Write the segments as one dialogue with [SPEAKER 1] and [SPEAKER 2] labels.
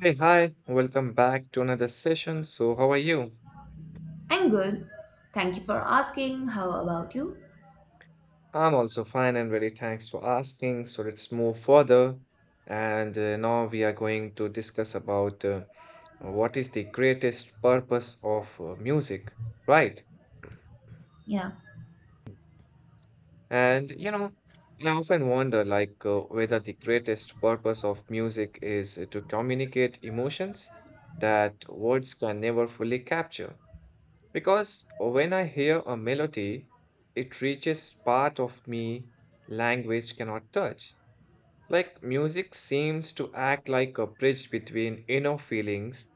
[SPEAKER 1] Hey, hi, welcome back to another session. So, how are you?
[SPEAKER 2] I'm good. Thank you for asking. How about you?
[SPEAKER 1] I'm also fine and really thanks for asking. So, let's move further. And now we are going to discuss about what is the greatest purpose of music, right?
[SPEAKER 2] Yeah.
[SPEAKER 1] And you know, I often wonder like whether the greatest purpose of music is to communicate emotions that words can never fully capture. Because when I hear a melody, it reaches part of me language cannot touch. Like music seems to act like a bridge between inner feelings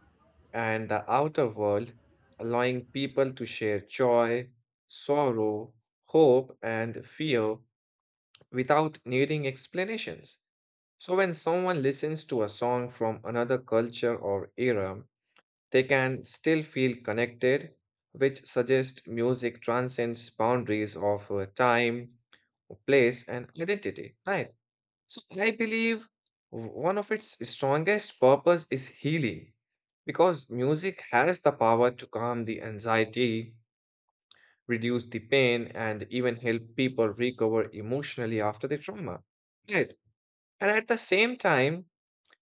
[SPEAKER 1] and the outer world, allowing people to share joy, sorrow, hope, and fear without needing explanations. So when someone listens to a song from another culture or era, they can still feel connected, which suggests music transcends boundaries of time, place, and identity, right? So I believe one of its strongest purpose is healing because music has the power to calm the anxiety, reduce the pain, and even help people recover emotionally after the trauma. Right. And at the same time,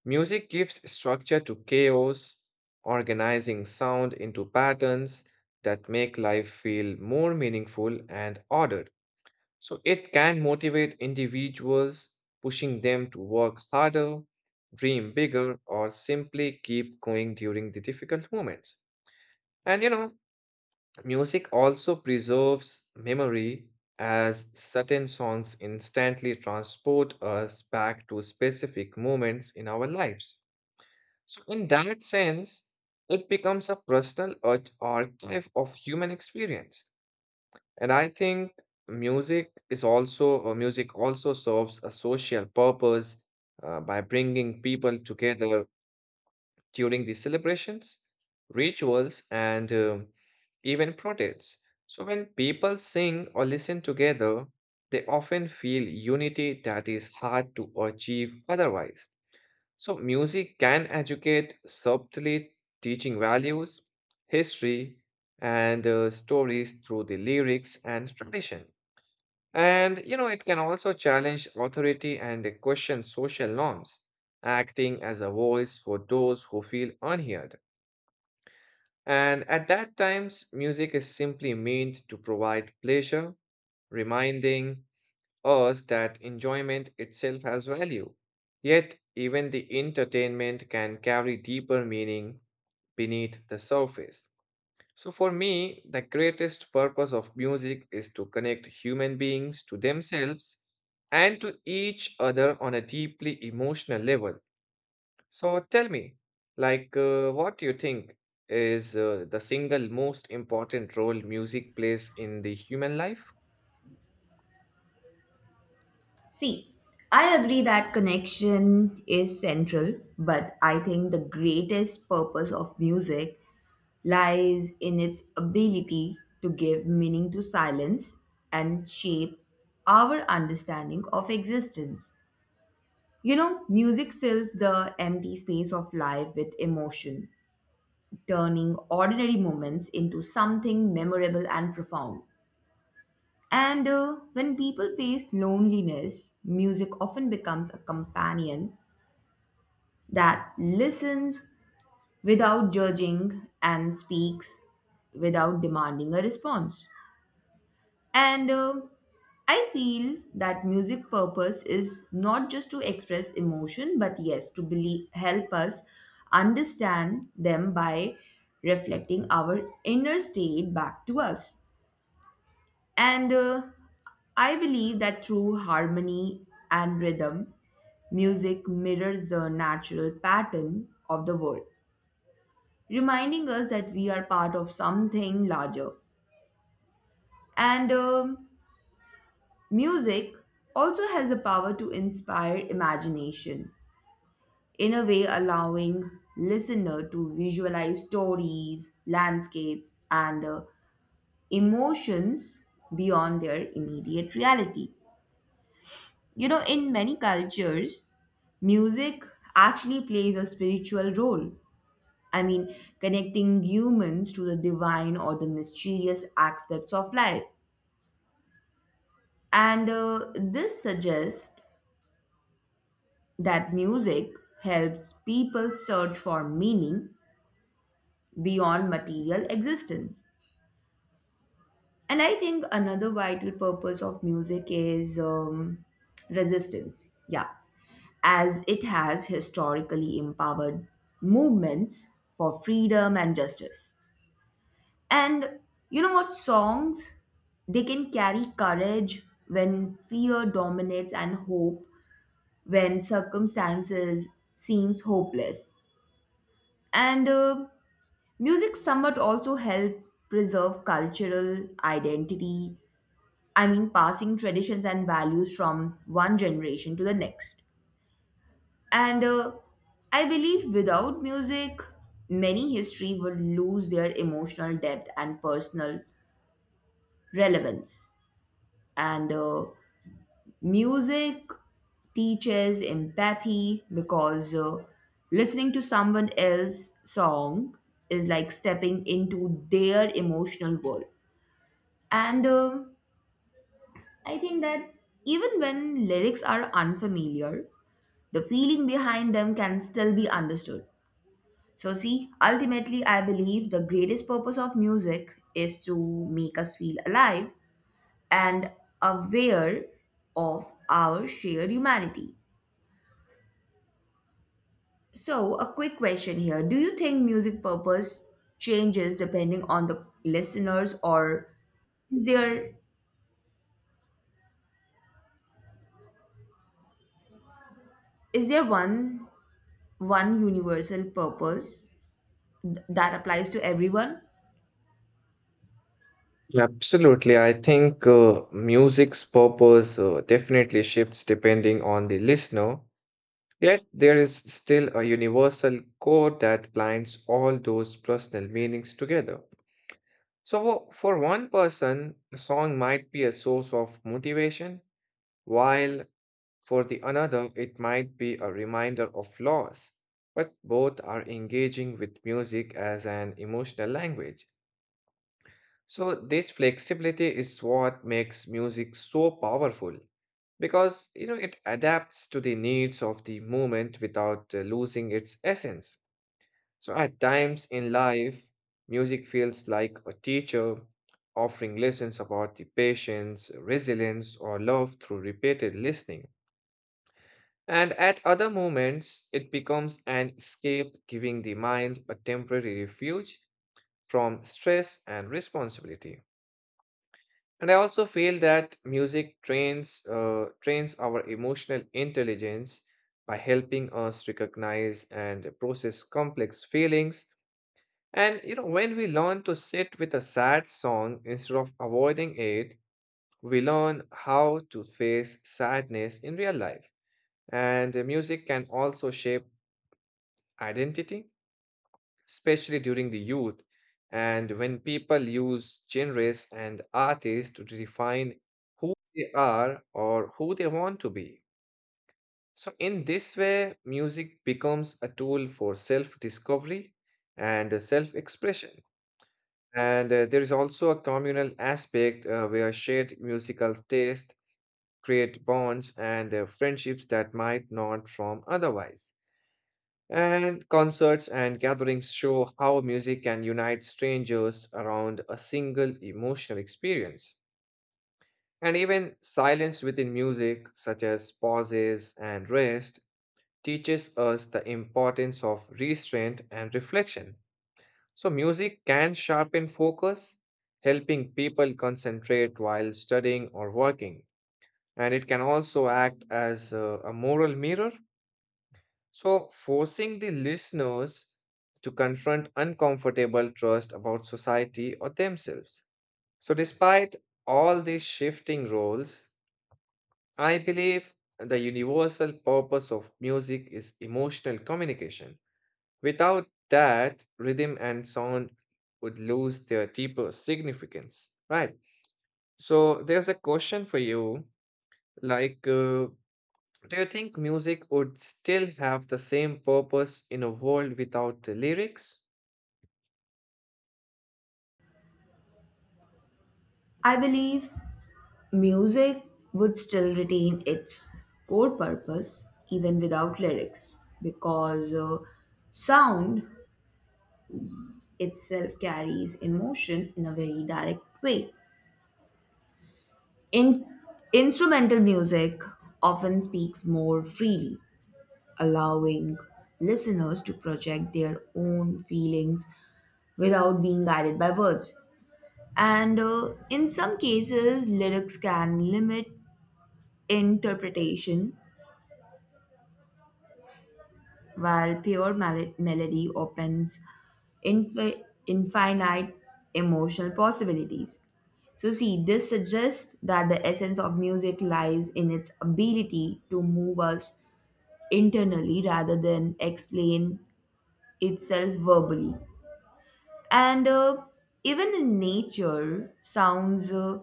[SPEAKER 1] music gives structure to chaos, organizing sound into patterns that make life feel more meaningful and ordered. So it can motivate individuals, pushing them to work harder, dream bigger, or simply keep going during the difficult moments. And you know, music also preserves memory as certain songs instantly transport us back to specific moments in our lives. So, in that sense, it becomes a personal archive of human experience. And I think music is also, or music also serves a social purpose by bringing people together during the celebrations, rituals, and even protests. So, when people sing or listen together, they often feel unity that is hard to achieve otherwise. So, music can educate subtly, teaching values, history, and stories through the lyrics and tradition. It can also challenge authority and question social norms, acting as a voice for those who feel unheard. And at that times, music is simply meant to provide pleasure, reminding, us that enjoyment itself has value. Yet, even the entertainment can carry deeper meaning beneath the surface. So, for me, the greatest purpose of music is to connect human beings to themselves and to each other on a deeply emotional level. So tell me, like, what do you think is the single most important role music plays in the human life?
[SPEAKER 2] See, I agree that connection is central, but I think the greatest purpose of music lies in its ability to give meaning to silence and shape our understanding of existence. You know, music fills the empty space of life with emotion, turning ordinary moments into something memorable and profound. And When people face loneliness, music often becomes a companion that listens without judging and speaks without demanding a response. And I feel that music purpose is not just to express emotion, but yes, to believe, help us understand them by reflecting our inner state back to us. And I believe that through harmony and rhythm, music mirrors the natural pattern of the world, reminding us that we are part of something larger. And Music also has the power to inspire imagination, in a way, allowing listener to visualize stories, landscapes, and emotions beyond their immediate reality. You know, in many cultures, music actually plays a spiritual role. I mean, connecting humans to the divine or the mysterious aspects of life. And This suggests that music helps people search for meaning beyond material existence. And I think another vital purpose of music is resistance. Yeah, as it has historically empowered movements for freedom and justice. And you know what? Songs, they can carry courage when fear dominates and hope when circumstances seems hopeless. And Music somewhat also help preserve cultural identity. I mean, passing traditions and values from one generation to the next. And I believe without music, many history would lose their emotional depth and personal relevance. And Music teaches empathy because listening to someone else's song is like stepping into their emotional world. And I think that even when lyrics are unfamiliar, the feeling behind them can still be understood. So, see, ultimately, I believe the greatest purpose of music is to make us feel alive and aware of our shared humanity. So, a quick question here. Do you think music purpose changes depending on the listeners, or is there, is there one universal purpose that applies to everyone?
[SPEAKER 1] Yeah, absolutely. I think music's purpose definitely shifts depending on the listener. Yet there is still a universal core that binds all those personal meanings together. So, for one person, a song might be a source of motivation, while for the another, it might be a reminder of loss. But both are engaging with music as an emotional language. So, this flexibility is what makes music so powerful because you know it adapts to the needs of the moment without losing its essence. So, at times in life, music feels like a teacher offering lessons about the patience, resilience, or love through repeated listening. And at other moments, it becomes an escape, giving the mind a temporary refuge from stress and responsibility. And I also feel that music trains our emotional intelligence by helping us recognize and process complex feelings. And you know, when we learn to sit with a sad song instead of avoiding it, we learn how to face sadness in real life. And music can also shape identity, especially during the youth. And when people use genres and artists to define who they are or who they want to be. So, in this way, music becomes a tool for self discovery and self expression. And there is also a communal aspect where shared musical taste create bonds and friendships that might not form otherwise. And concerts and gatherings show how music can unite strangers around a single emotional experience. And even silence within music, such as pauses and rest, teaches us the importance of restraint and reflection. So, music can sharpen focus, helping people concentrate while studying or working. And it can also act as a moral mirror. So, forcing the listeners to confront uncomfortable trust about society or themselves. So, despite all these shifting roles, I believe the universal purpose of music is emotional communication. Without that, rhythm and sound would lose their deeper significance, right? So there's a question for you, like, do you think music would still have the same purpose in a world without the lyrics?
[SPEAKER 2] I believe music would still retain its core purpose even without lyrics because sound itself carries emotion in a very direct way. In- Instrumental music often speaks more freely, allowing listeners to project their own feelings without being guided by words. And In some cases, lyrics can limit interpretation while pure melody opens infinite emotional possibilities. So, see, this suggests that the essence of music lies in its ability to move us internally rather than explain itself verbally. And Even in nature, sounds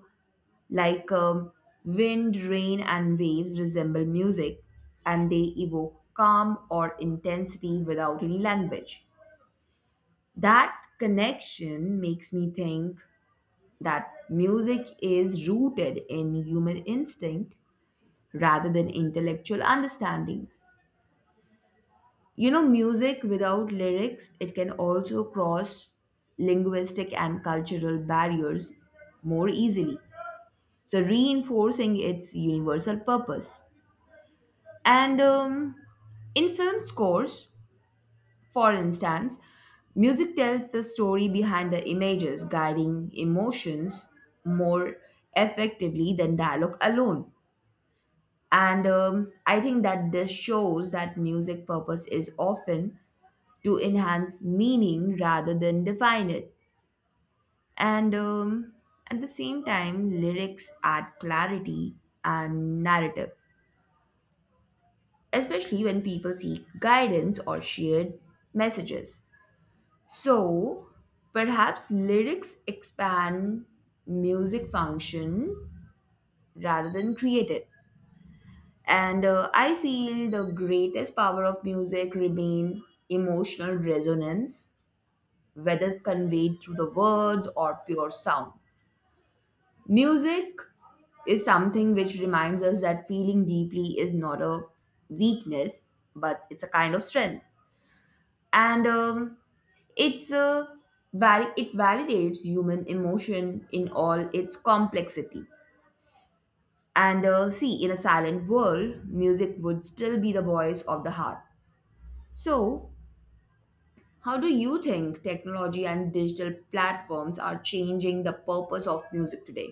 [SPEAKER 2] like wind, rain, and waves resemble music, and they evoke calm or intensity without any language. That connection makes me think that music is rooted in human instinct rather than intellectual understanding. You know, music without lyrics, it can also cross linguistic and cultural barriers more easily, so reinforcing its universal purpose. And In film scores, for instance, music tells the story behind the images, guiding emotions more effectively than dialogue alone. And I think that this shows that music purpose is often to enhance meaning rather than define it. And At the same time, lyrics add clarity and narrative, especially when people seek guidance or shared messages. So perhaps lyrics expand music function rather than create it. And I feel the greatest power of music remain emotional resonance, whether conveyed through the words or pure sound. Music is something which reminds us that feeling deeply is not a weakness, but it's a kind of strength. And It's a it validates human emotion in all its complexity. And See, in a silent world, music would still be the voice of the heart. So, how do you think technology and digital platforms are changing the purpose of music today?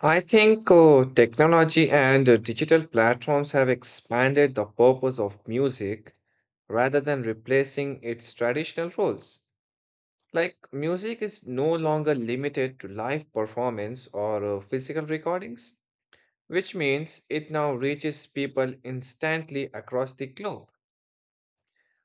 [SPEAKER 1] I think technology and digital platforms have expanded the purpose of music rather than replacing its traditional roles. Like, music is no longer limited to live performance or physical recordings, which means it now reaches people instantly across the globe.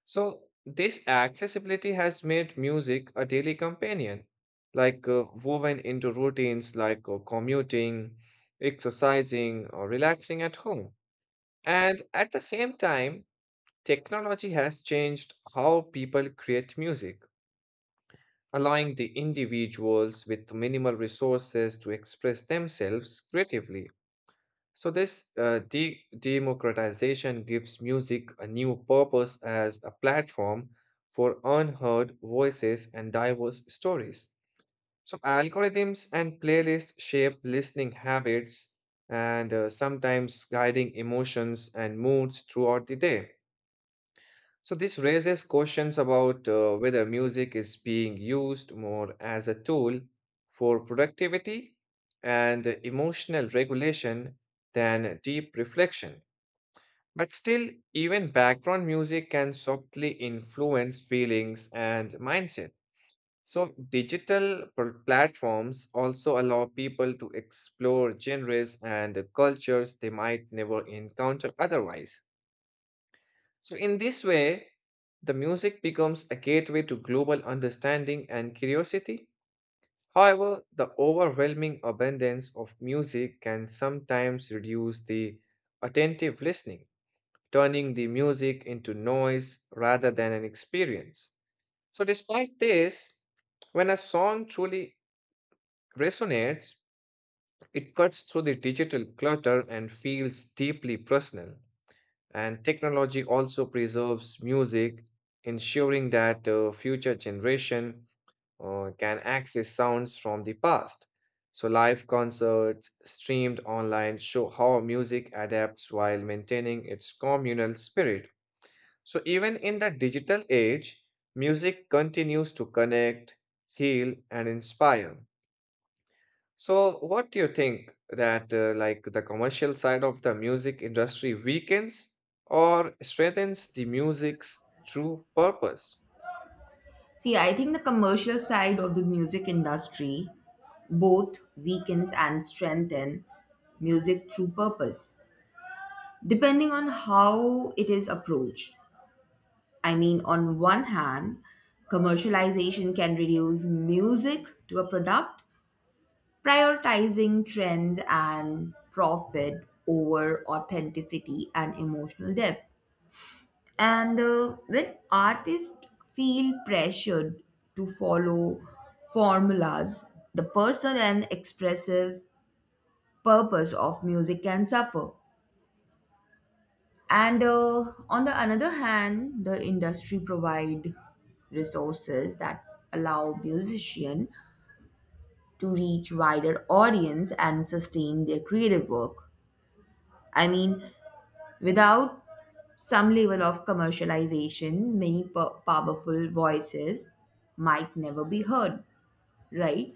[SPEAKER 1] So, this accessibility has made music a daily companion, like woven into routines like commuting, exercising, or relaxing at home. And at the same time, technology has changed how people create music, allowing the individuals with minimal resources to express themselves creatively. So, this democratization gives music a new purpose as a platform for unheard voices and diverse stories. So, algorithms and playlists shape listening habits and sometimes guiding emotions and moods throughout the day. So this raises questions about whether music is being used more as a tool for productivity and emotional regulation than deep reflection. But still, even background music can subtly influence feelings and mindset. So, digital platforms also allow people to explore genres and cultures they might never encounter otherwise. So, in this way, the music becomes a gateway to global understanding and curiosity. However, the overwhelming abundance of music can sometimes reduce the attentive listening, turning the music into noise rather than an experience. So, despite this, when a song truly resonates, it cuts through the digital clutter and feels deeply personal. And technology also preserves music, ensuring that future generation can access sounds from the past. So live concerts streamed online show how music adapts while maintaining its communal spirit. So even in the digital age, music continues to connect, heal, and inspire. So, what do you think that like the commercial side of the music industry weakens or strengthens the music's true purpose?
[SPEAKER 2] See, I think the commercial side of the music industry both weakens and strengthens music through purpose, depending on how it is approached. I mean, on one hand, commercialization can reduce music to a product, prioritizing trends and profit over authenticity and emotional depth. And When artists feel pressured to follow formulas, the personal and expressive purpose of music can suffer. And On the another hand, the industry provide resources that allow musician to reach wider audience and sustain their creative work. I mean, without some level of commercialization, many powerful voices might never be heard, right?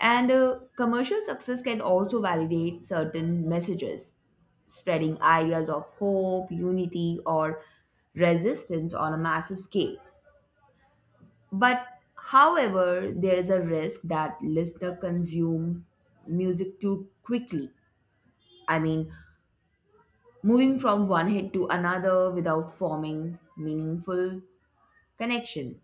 [SPEAKER 2] And Commercial success can also validate certain messages, spreading ideas of hope, unity, or resistance on a massive scale. But however, there is a risk that listener consume music too quickly. I mean, moving from one hit to another without forming meaningful connection.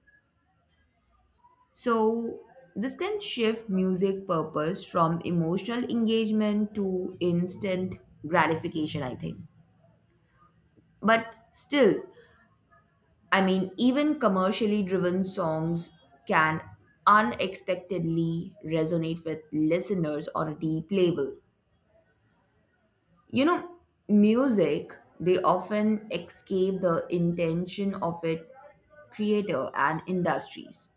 [SPEAKER 2] So, this can shift music purpose from emotional engagement to instant gratification, I think. But still, I mean, even commercially driven songs can unexpectedly resonate with listeners on a deep level. You know, music, they often escape the intention of its creator and industries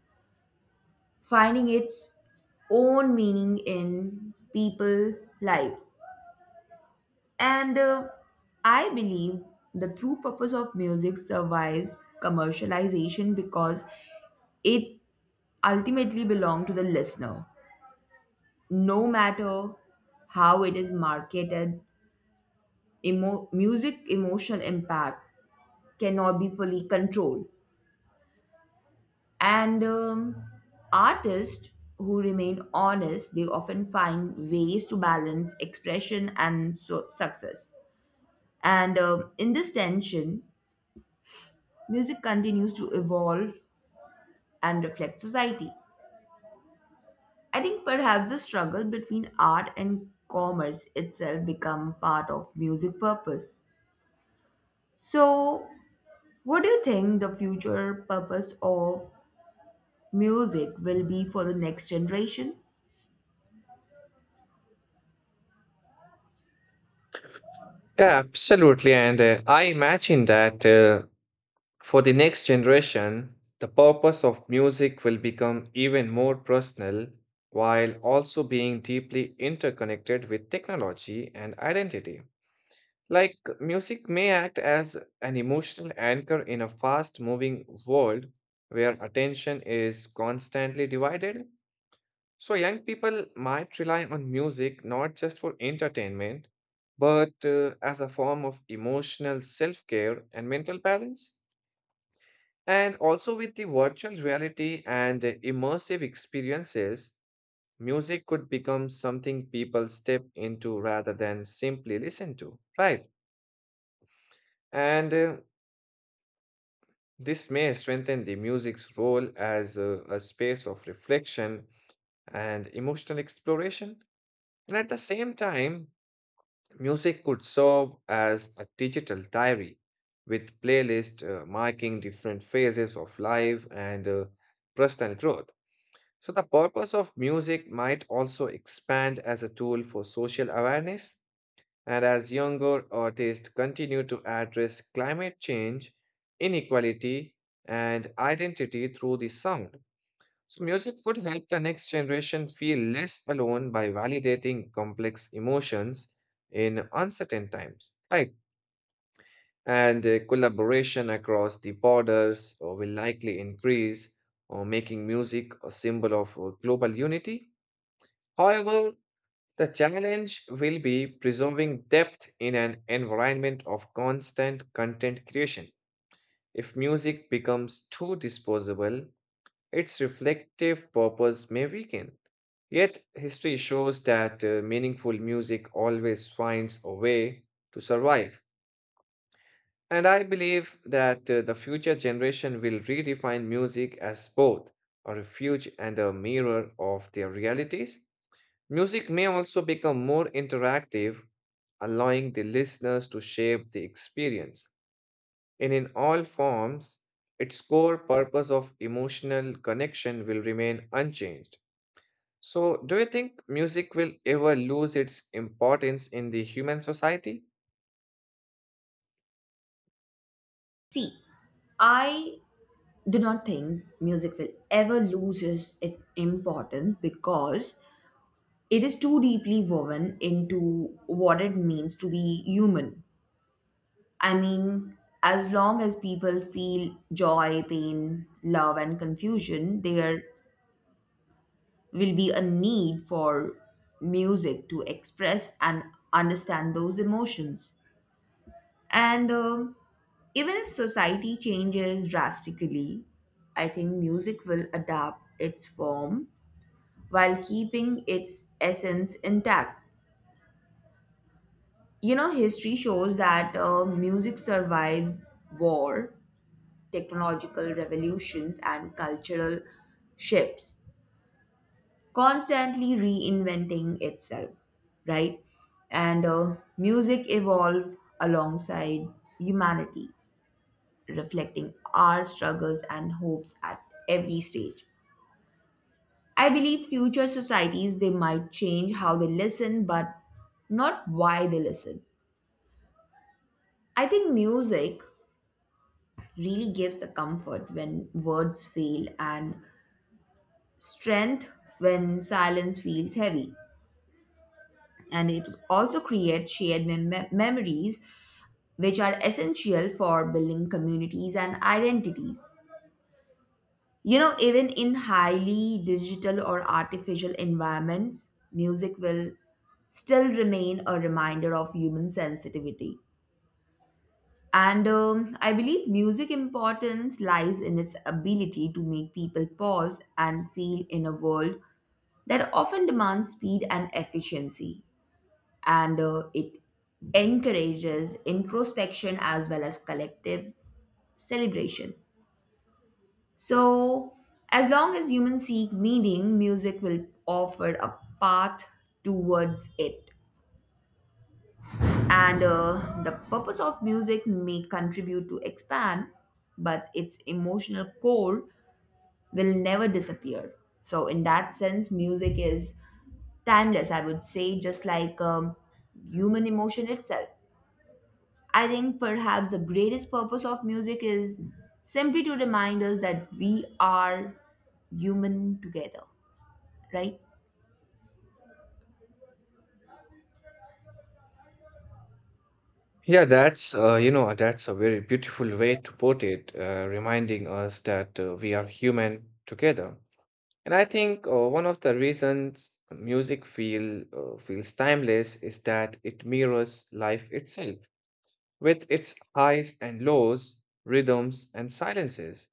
[SPEAKER 2] finding its own meaning in people life, and I believe the true purpose of music survives commercialization because it ultimately belongs to the listener, no matter how it is marketed. Music emotional impact cannot be fully controlled. And Artists who remain honest, they often find ways to balance expression and success. And In this tension, music continues to evolve and reflect society. I think perhaps the struggle between art and commerce itself become part of music purpose. So, what do you think the future purpose of music will be for the next generation?
[SPEAKER 1] Yeah, absolutely. And I imagine that for the next generation, the purpose of music will become even more personal while also being deeply interconnected with technology and identity. Like music may act as an emotional anchor in a fast moving world where attention is constantly divided. So, young people might rely on music not just for entertainment, but as a form of emotional self care and mental balance. And also, with the virtual reality and immersive experiences, music could become something people step into rather than simply listen to, right? And this may strengthen the music's role as a space of reflection and emotional exploration. And at the same time, music could serve as a digital diary with playlists marking different phases of life and personal growth. So, the purpose of music might also expand as a tool for social awareness and as younger artists continue to address climate change, inequality, and identity through the sound, so music could help the next generation feel less alone by validating complex emotions in uncertain times. Right. And collaboration across the borders will likely increase, or making music a symbol of global unity. However, the challenge will be preserving depth in an environment of constant content creation. If music becomes too disposable, its reflective purpose may weaken. Yet, history shows that meaningful music always finds a way to survive. And I believe that the future generation will redefine music as both a refuge and a mirror of their realities. Music may also become more interactive, allowing the listeners to shape the experience. And in all forms, its core purpose of emotional connection will remain unchanged. So, do you think music will ever lose its importance in the human society?
[SPEAKER 2] See, I do not think music will ever lose its importance because it is too deeply woven into what it means to be human. I mean, as long as people feel joy, pain, love, and confusion, there will be a need for music to express and understand those emotions. And um, even if society changes drastically, I think music will adapt its form while keeping its essence intact. You know, history shows that music survived war, technological revolutions, and cultural shifts, constantly reinventing itself, right? And Music evolved alongside humanity, reflecting our struggles and hopes at every stage. I believe future societies they might change how they listen, but not why they listen. I think music really gives the comfort when words fail and strength when silence feels heavy. And it also creates shared memories, which are essential for building communities and identities. You know, even in highly digital or artificial environments, music will still remain a reminder of human sensitivity. And I believe music importance lies in its ability to make people pause and feel in a world that often demands speed and efficiency. And It encourages introspection as well as collective celebration. So, as long as humans seek meaning, music will offer a path towards it. And The purpose of music may contribute to expand, but its emotional core will never disappear. So in that sense, music is timeless, I would say, just like human emotion itself. I think perhaps the greatest purpose of music is simply to remind us that we are human together, right?
[SPEAKER 1] Yeah, that's that's a very beautiful way to put it, reminding us that we are human together. And I think one of the reasons music feel feels timeless is that it mirrors life itself with its highs and lows, rhythms and silences.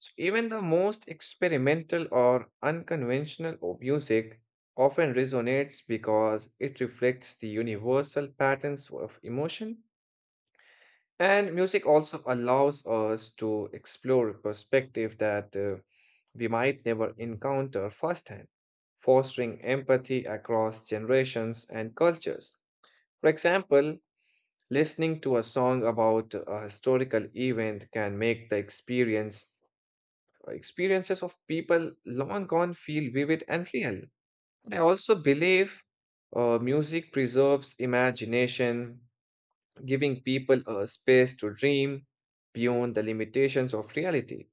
[SPEAKER 1] So even the most experimental or unconventional of music often resonates because it reflects the universal patterns of emotion, and music also allows us to explore perspective that we might never encounter firsthand, fostering empathy across generations and cultures. For example, listening to a song about a historical event can make the experiences of people long gone feel vivid and real. And I also believe music preserves imagination, giving people a space to dream beyond the limitations of reality.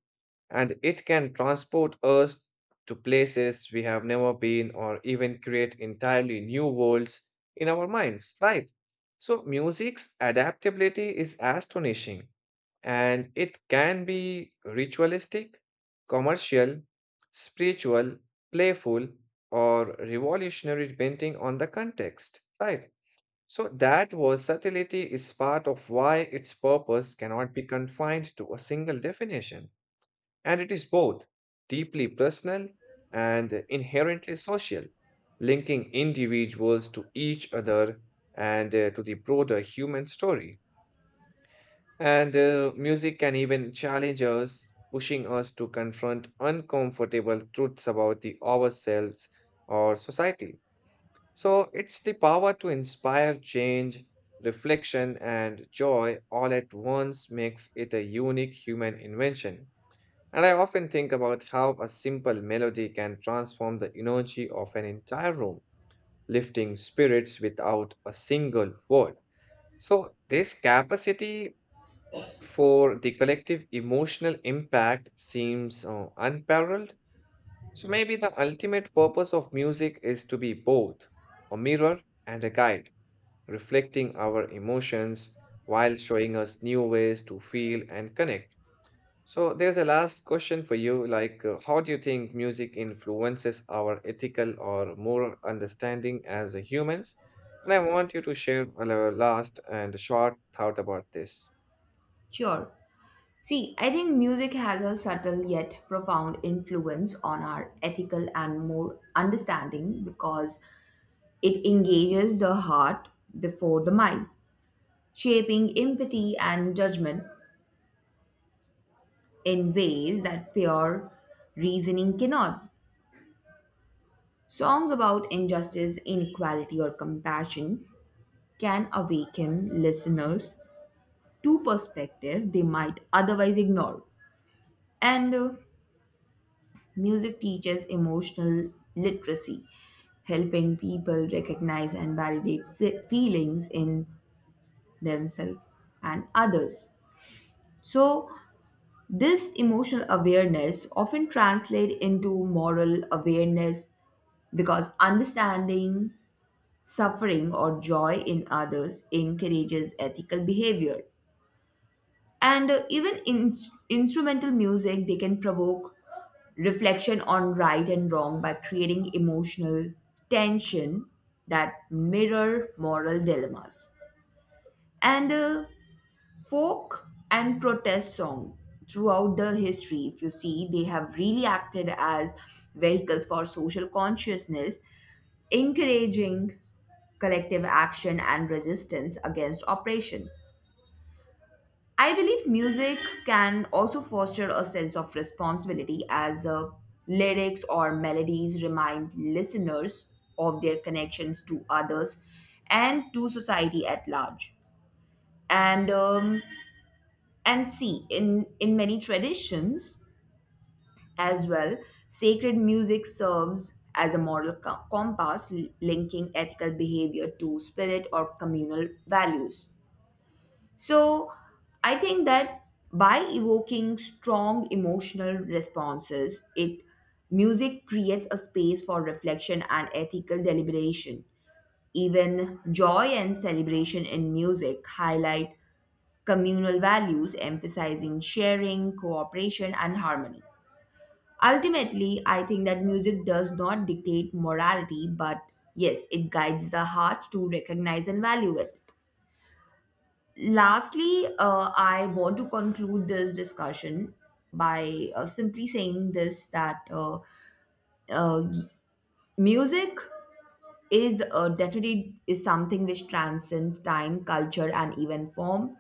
[SPEAKER 1] And it can transport us to places we have never been or even create entirely new worlds in our minds, right? So, music's adaptability is astonishing, and it can be ritualistic, commercial, spiritual, playful, or revolutionary depending on the context, right? So that versatility is part of why its purpose cannot be confined to a single definition. And it is both deeply personal and inherently social, linking individuals to each other and to the broader human story. And music can even challenge us, pushing us to confront uncomfortable truths about the ourselves or society. So it's the power to inspire change, reflection, and joy all at once makes it a unique human invention. And I often think about how a simple melody can transform the energy of an entire room, lifting spirits without a single word. So, this capacity for the collective emotional impact seems unparalleled. So, maybe the ultimate purpose of music is to be both a mirror and a guide reflecting our emotions while showing us new ways to feel and connect. So, there's a last question for you like, how do you think music influences our ethical or moral understanding as humans? And I want you to share a last and short thought about this.
[SPEAKER 2] Sure. See, I think music has a subtle yet profound influence on our ethical and more understanding because it engages the heart before the mind, shaping empathy and judgment in ways that pure reasoning cannot. Songs about injustice, inequality, or compassion can awaken listeners to perspective they might otherwise ignore. And Music teaches emotional literacy, helping people recognize and validate feelings in themselves and others. So, this emotional awareness often translates into moral awareness because understanding suffering or joy in others encourages ethical behavior. And Even instrumental music, they can provoke reflection on right and wrong by creating emotional tension that mirror moral dilemmas. And Folk and protest song throughout the history, if you see, they have really acted as vehicles for social consciousness, encouraging collective action and resistance against oppression. I believe music can also foster a sense of responsibility as lyrics or melodies remind listeners of their connections to others and to society at large. And um, and see, in many traditions as well, sacred music serves as a moral compass linking ethical behavior to spirit or communal values. So I think that by evoking strong emotional responses, it music creates a space for reflection and ethical deliberation. Even joy and celebration in music highlight communal values, emphasizing sharing, cooperation, and harmony. Ultimately, I think that music does not dictate morality, but yes, it guides the heart to recognize and value it. Lastly, I want to conclude this discussion by simply saying this that uh, music is definitely is something which transcends time, culture, and even form,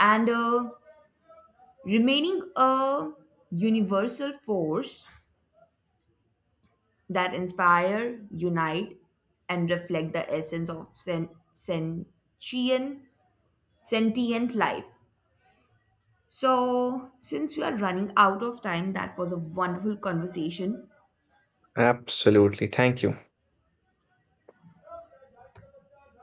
[SPEAKER 2] and remaining a universal force that inspire, unite, and reflect the essence of sentient sentient life. So, since we are running out of time, that was a wonderful conversation.
[SPEAKER 1] Absolutely. Thank you.